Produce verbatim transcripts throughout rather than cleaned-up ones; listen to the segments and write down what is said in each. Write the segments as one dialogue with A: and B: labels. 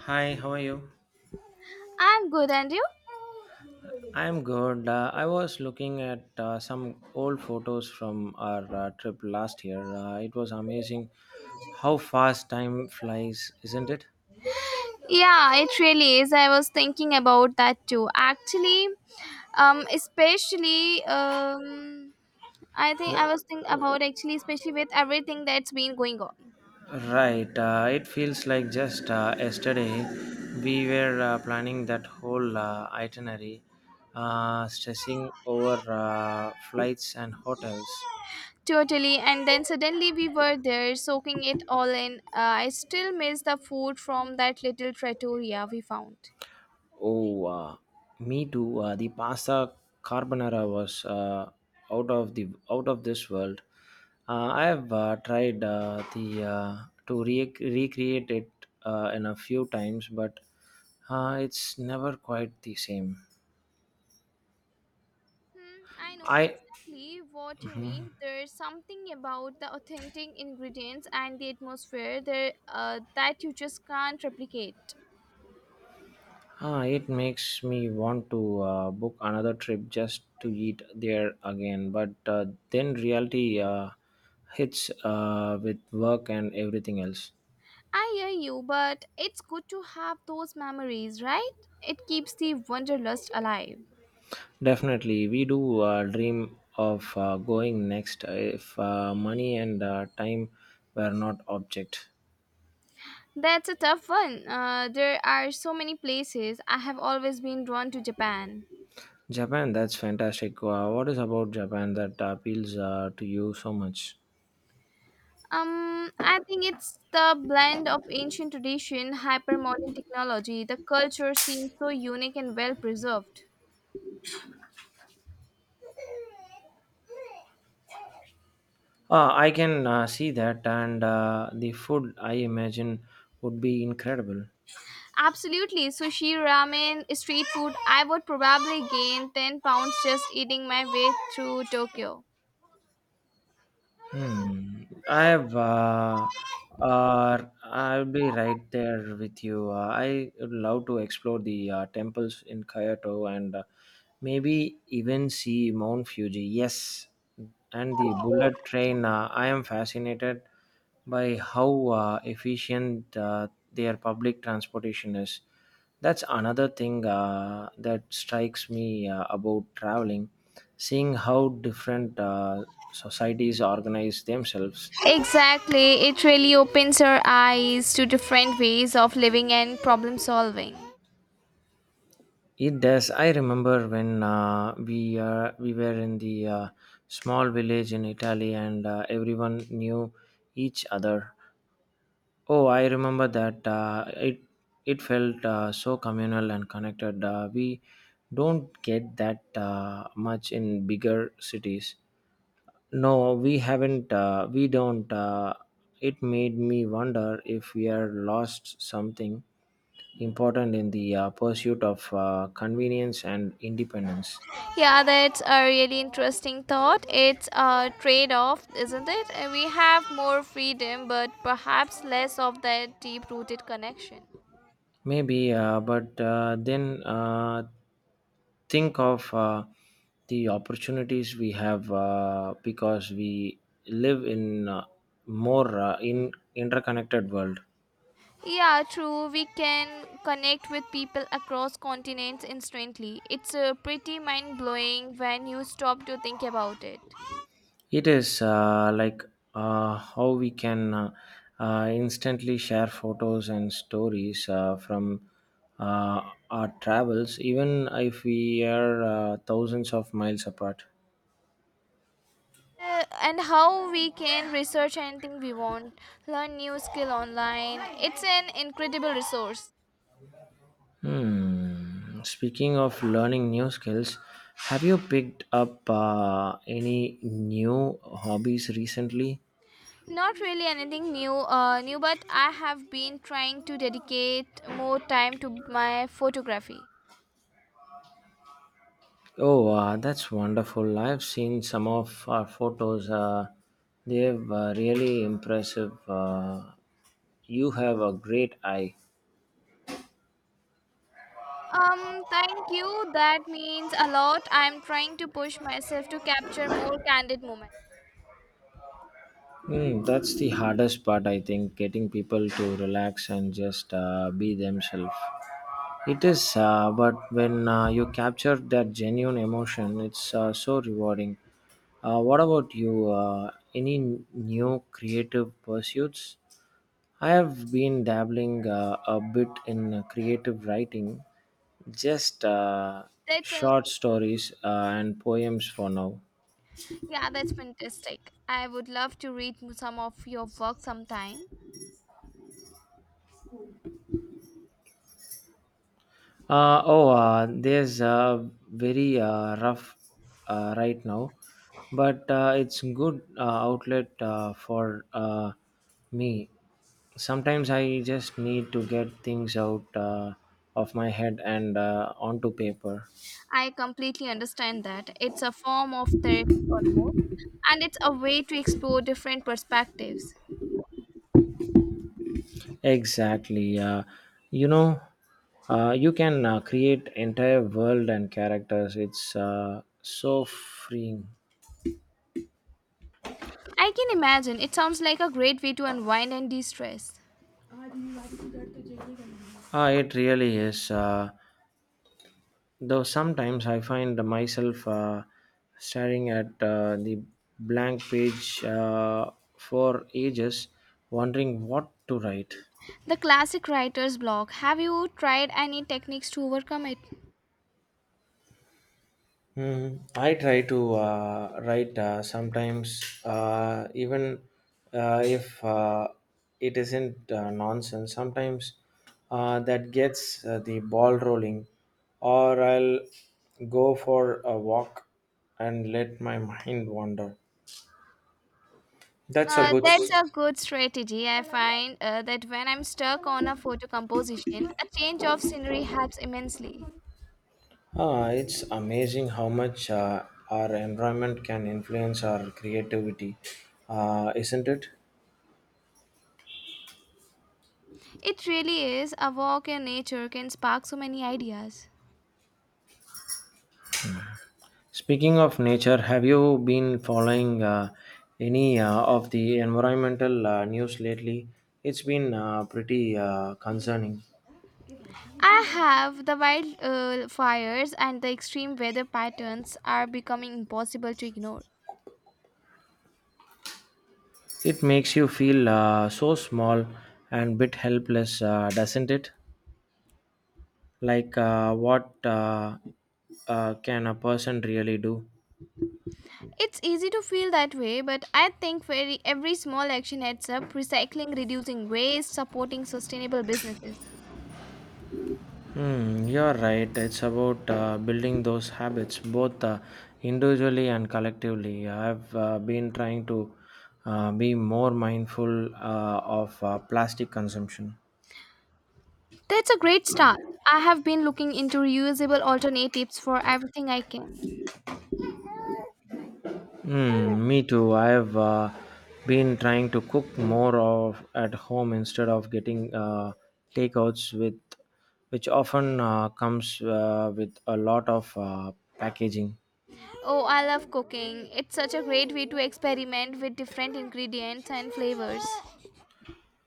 A: Hi, how are you?
B: I'm good, and you?
A: I'm good. Uh, I was looking at uh, some old photos from our uh, trip last year. Uh, it was amazing how fast time flies, isn't it?
B: Yeah, it really is. I was thinking about that too. Actually, um, especially, um, I think I was
A: Yeah.
B: thinking about actually, especially with everything that's been going on.
A: Right. Uh, it feels like just uh, yesterday we were uh, planning that whole uh, itinerary, uh, stressing over uh, flights and hotels.
B: Totally, and then suddenly we were there soaking it all in. Uh, I still miss the food from that little trattoria we found.
A: Oh, uh, me too. Uh, the pasta carbonara was uh, out of the out of this world. Uh, I have uh, tried uh, the uh, to re- recreate it uh, in a few times, but uh, it's never quite the same.
B: Hmm, I know
A: I
B: exactly what you mean. There's something about the authentic ingredients and the atmosphere there uh, that you just can't replicate.
A: uh, It makes me want to uh, book another trip just to eat there again, but uh, then reality uh, hits uh, with work and everything else.
B: I hear you, but it's good to have those memories, right? It keeps the wanderlust alive.
A: Definitely, we do uh, dream of uh, going next uh, if uh, money and uh, time were not object.
B: That's a tough one. Uh, there are so many places. I have always been drawn to Japan.
A: Japan, that's fantastic. Uh, what is about Japan that appeals uh, to you so much?
B: Um, I think it's the blend of ancient tradition, hyper modern technology. The culture seems so unique and well preserved.
A: Uh, I can uh, see that, and uh, the food I imagine would be incredible.
B: Absolutely. Sushi, ramen, street food. I would probably gain ten pounds just eating my way through Tokyo.
A: Hmm. I have. Uh, uh, I'll be right there with you. Uh, I would love to explore the uh, temples in Kyoto and uh, maybe even see Mount Fuji. Yes, and the bullet train. Uh, I am fascinated by how uh, efficient uh, their public transportation is. That's another thing uh, that strikes me uh, about traveling, seeing how different uh, societies organize themselves.
B: Exactly. It really opens our eyes to different ways of living and problem solving.
A: It does. I remember when uh, we uh, we were in the uh, small village in Italy, and uh, everyone knew each other. Oh, I remember that uh, it it felt uh, so communal and connected. Uh, we don't get that uh, much in bigger cities. No, we haven't. Uh, we don't. Uh, it made me wonder if we are lost something important in the uh, pursuit of uh, convenience and independence.
B: Yeah, that's a really interesting thought. It's a trade off, isn't it? Uh, We have more freedom, but perhaps less of that deep rooted connection.
A: Maybe, uh, but uh, then uh, think of uh, the opportunities we have uh, because we live in uh more uh, in interconnected world.
B: Yeah, true. We can connect with people across continents instantly. It's uh, pretty mind blowing when you stop to think about it.
A: It is uh, like uh, how we can uh, uh, instantly share photos and stories uh, from uh, our travels, even if we are uh, thousands of miles apart.
B: Uh, and how we can research anything we want, learn new skill online. It's an incredible resource.
A: Hmm. Speaking of learning new skills, have you picked up uh, any new hobbies recently?
B: Not really anything new, uh, new, but I have been trying to dedicate more time to my photography.
A: Oh, uh, that's wonderful. I've seen some of our photos. Uh, they've uh, really impressive. Uh, you have a great eye.
B: Um, thank you. That means a lot. I'm trying to push myself to capture more candid moments.
A: Hmm, that's the hardest part, I think, getting people to relax and just uh, be themselves. It is, uh, but when uh, you capture that genuine emotion, it's uh, so rewarding. Uh, what about you? Uh, any new creative pursuits? I have been dabbling uh, a bit in uh, creative writing, just uh,
B: That's a
A: short stories uh, and poems for now.
B: Yeah, that's fantastic. I would love to read some of your work sometime.
A: Uh, oh, uh, there's uh, very uh, rough uh, right now, but uh, it's good uh, outlet uh, for uh, me. Sometimes I just need to get things out uh, of my head and uh, onto paper.
B: I completely understand that. It's a form of therapy almost, and it's a way to explore different perspectives.
A: Exactly. Uh, you know, uh, you can uh, create entire world and characters. It's uh, so freeing.
B: I can imagine. It sounds like a great way to unwind and de-stress.
A: Ah, it really is. Uh, though sometimes I find myself uh, staring at uh, the blank page uh, for ages, wondering what to write.
B: The classic writer's block. Have you tried any techniques to overcome it?
A: Hmm. I try to uh, write uh, sometimes, uh, even uh, if uh, it isn't uh, nonsense. Sometimes uh, that gets uh, the ball rolling, or I'll go for a walk and let my mind wander. That's a
B: Uh,
A: good.
B: that's
A: S-
B: a good strategy. I find uh, that when I'm stuck on a photo composition, a change of scenery helps immensely.
A: Ah, it's amazing how much uh, our environment can influence our creativity, uh, isn't it?
B: It really is. A walk in nature can spark so many ideas.
A: Speaking of nature, have you been following uh, any uh, of the environmental uh, news lately? It's been uh, pretty uh, concerning.
B: I have the wild uh, fires and the extreme weather patterns are becoming impossible to ignore.
A: It makes you feel uh, so small and bit helpless, uh, doesn't it? Like uh, what uh, uh, can a person really do?
B: It's easy to feel that way, but I think very, every small action adds up recycling, reducing waste, supporting sustainable businesses.
A: Hmm, you're right. It's about uh, building those habits, both uh, individually and collectively. I've uh, been trying to uh, be more mindful uh, of uh, plastic consumption.
B: That's a great start. I have been looking into reusable alternatives for everything I can.
A: Hmm, me too. I've uh, been trying to cook more of at home instead of getting uh, takeouts, with which often uh, comes uh, with a lot of uh, packaging.
B: Oh, I love cooking. It's such a great way to experiment with different ingredients and flavors.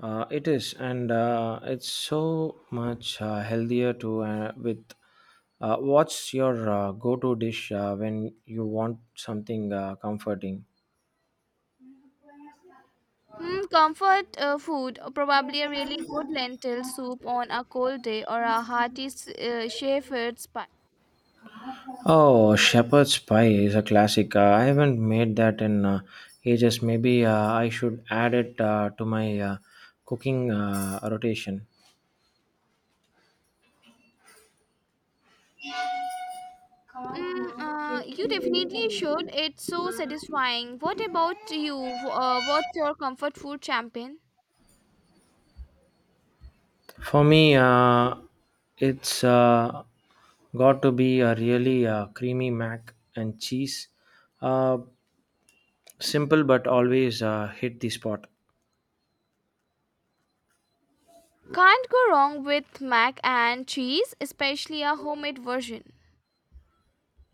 A: Uh, it is, and uh, it's so much uh, healthier to uh, with. Uh, what's your uh, go-to dish uh, when you want something uh, comforting?
B: Hmm, comfort uh, food, uh, probably a really good lentil soup on a cold day or a hearty s- uh, shepherd's pie.
A: Oh, shepherd's pie is a classic. Uh, I haven't made that in uh, ages. Maybe uh, I should add it uh, to my uh, cooking uh, rotation.
B: Mm, uh, you definitely should. It's so satisfying. What about you? W- Uh, what's your comfort food champion?
A: For me, uh, it's uh, got to be a really uh, creamy mac and cheese. Uh, Simple but always uh, hit the spot.
B: Can't go wrong with mac and cheese, especially a homemade version.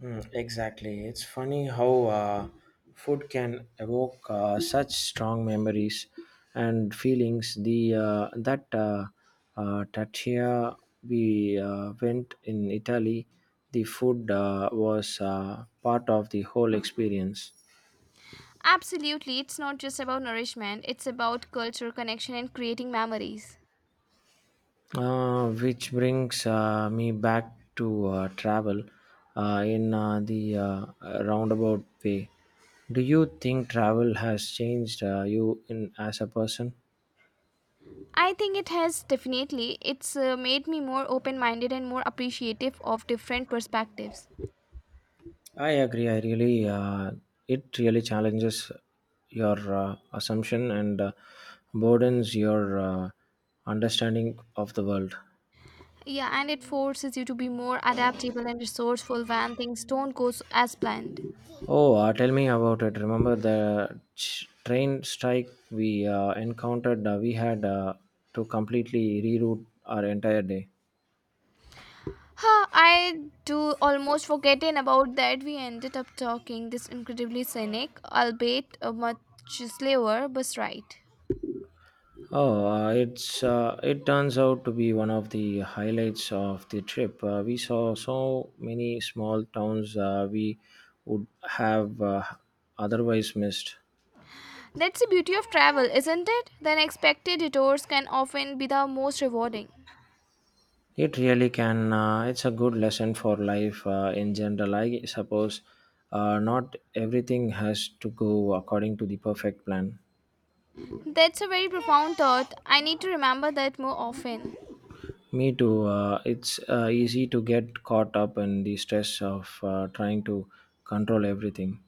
A: Mm, exactly. It's funny how uh, food can evoke uh, such strong memories and feelings. The uh, that uh, uh, Tatya we uh, went in Italy, the food uh, was uh, part of the whole experience.
B: Absolutely, it's not just about nourishment, it's about culture, connection, and creating memories.
A: Uh, which brings uh, me back to uh, travel uh, in uh, the uh, roundabout way. Do you think travel has changed uh, you in as a person?
B: I think it has definitely. It's uh, made me more open minded and more appreciative of different perspectives.
A: I agree. I really uh, It really challenges your uh, assumption and uh, broadens your uh, understanding of the world.
B: Yeah, and it forces you to be more adaptable and resourceful when things don't go s- as planned.
A: Oh, uh, tell me about it. Remember the ch- train strike we uh, encountered? Uh, we had uh, to completely reroute our entire day.
B: Huh, I do almost forgetting about that we ended up talking this incredibly scenic, albeit a much slower bus ride.
A: Oh, uh, it's uh, it turns out to be one of the highlights of the trip. Uh, we saw so many small towns uh, we would have uh, otherwise missed.
B: That's the beauty of travel, isn't it? The unexpected detours can often be the most rewarding.
A: It really can. Uh, it's a good lesson for life uh, in general. I suppose uh, not everything has to go according to the perfect plan.
B: That's a very profound thought. I need to remember that more often.
A: Me too. Uh, it's uh, easy to get caught up in the stress of uh, trying to control everything.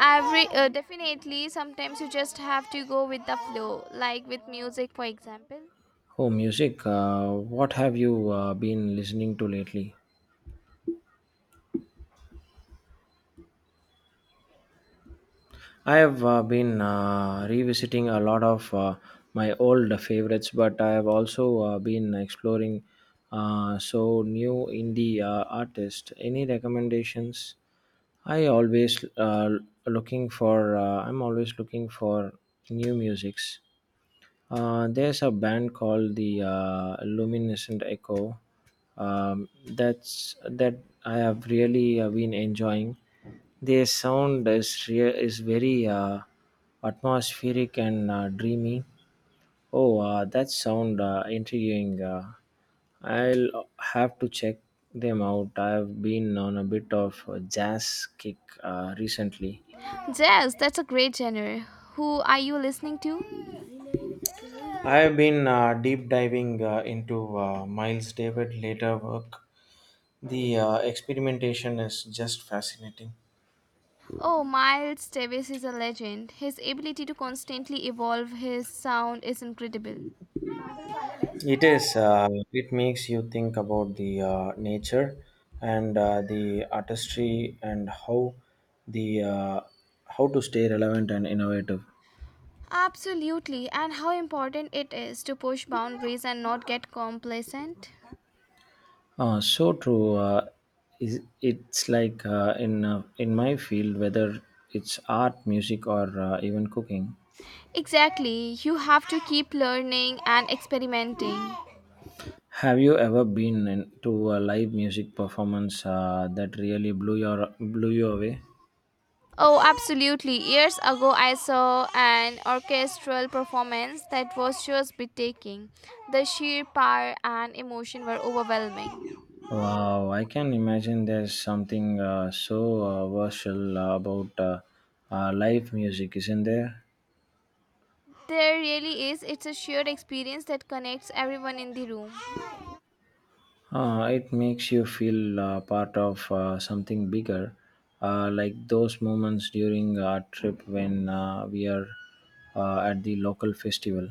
B: Every uh, Definitely, sometimes you just have to go with the flow, like with music, for example.
A: Oh, music. Uh, what have you uh, been listening to lately? I have uh, been uh, revisiting a lot of uh, my old favorites, but I have also uh, been exploring uh, so new indie uh, artists. Any recommendations? I always uh, looking for. Uh, I'm always looking for new musics. Uh, there's a band called the uh, Luminescent Echo. Um, that's that I have really uh, been enjoying. Their sound is rea- is very uh, atmospheric and uh, dreamy. Oh, uh, that sound uh, intriguing. Uh, I'll have to check them out. I've been on a bit of a jazz kick uh, recently.
B: Jazz, that's a great genre. Who are you listening to?
A: I have been uh, deep diving uh, into uh, Miles David later work. The uh, experimentation is just fascinating.
B: Oh, Miles Davis is a legend. His ability to constantly evolve his sound is incredible.
A: It is. Uh, it makes you think about the uh, nature and uh, the artistry and how the uh, how to stay relevant and innovative.
B: Absolutely, and how important it is to push boundaries and not get complacent.
A: Uh, so true. Uh, is it's like uh, in uh, in my field, whether it's art, music, or uh, even cooking.
B: Exactly, you have to keep learning and experimenting.
A: Have you ever been in- to a live music performance uh, that really blew your blew you away?
B: Oh, absolutely. Years ago, I saw an orchestral performance that was just breathtaking. The sheer power and emotion were overwhelming.
A: Wow, I can imagine there's something uh, so uh, versatile about uh, uh, live music, isn't there?
B: There really is. It's a shared experience that connects everyone in the room.
A: Uh, it makes you feel uh, part of uh, something bigger, uh, like those moments during our trip when uh, we are uh, at the local festival.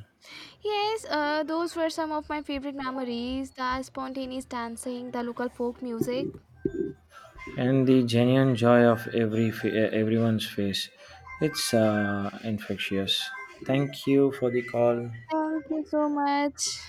B: Yes, uh, those were some of my favorite memories the spontaneous dancing, the local folk music.
A: And the genuine joy of every fa- everyone's face, it's uh, infectious. Thank you for the call.
B: Thank you so much.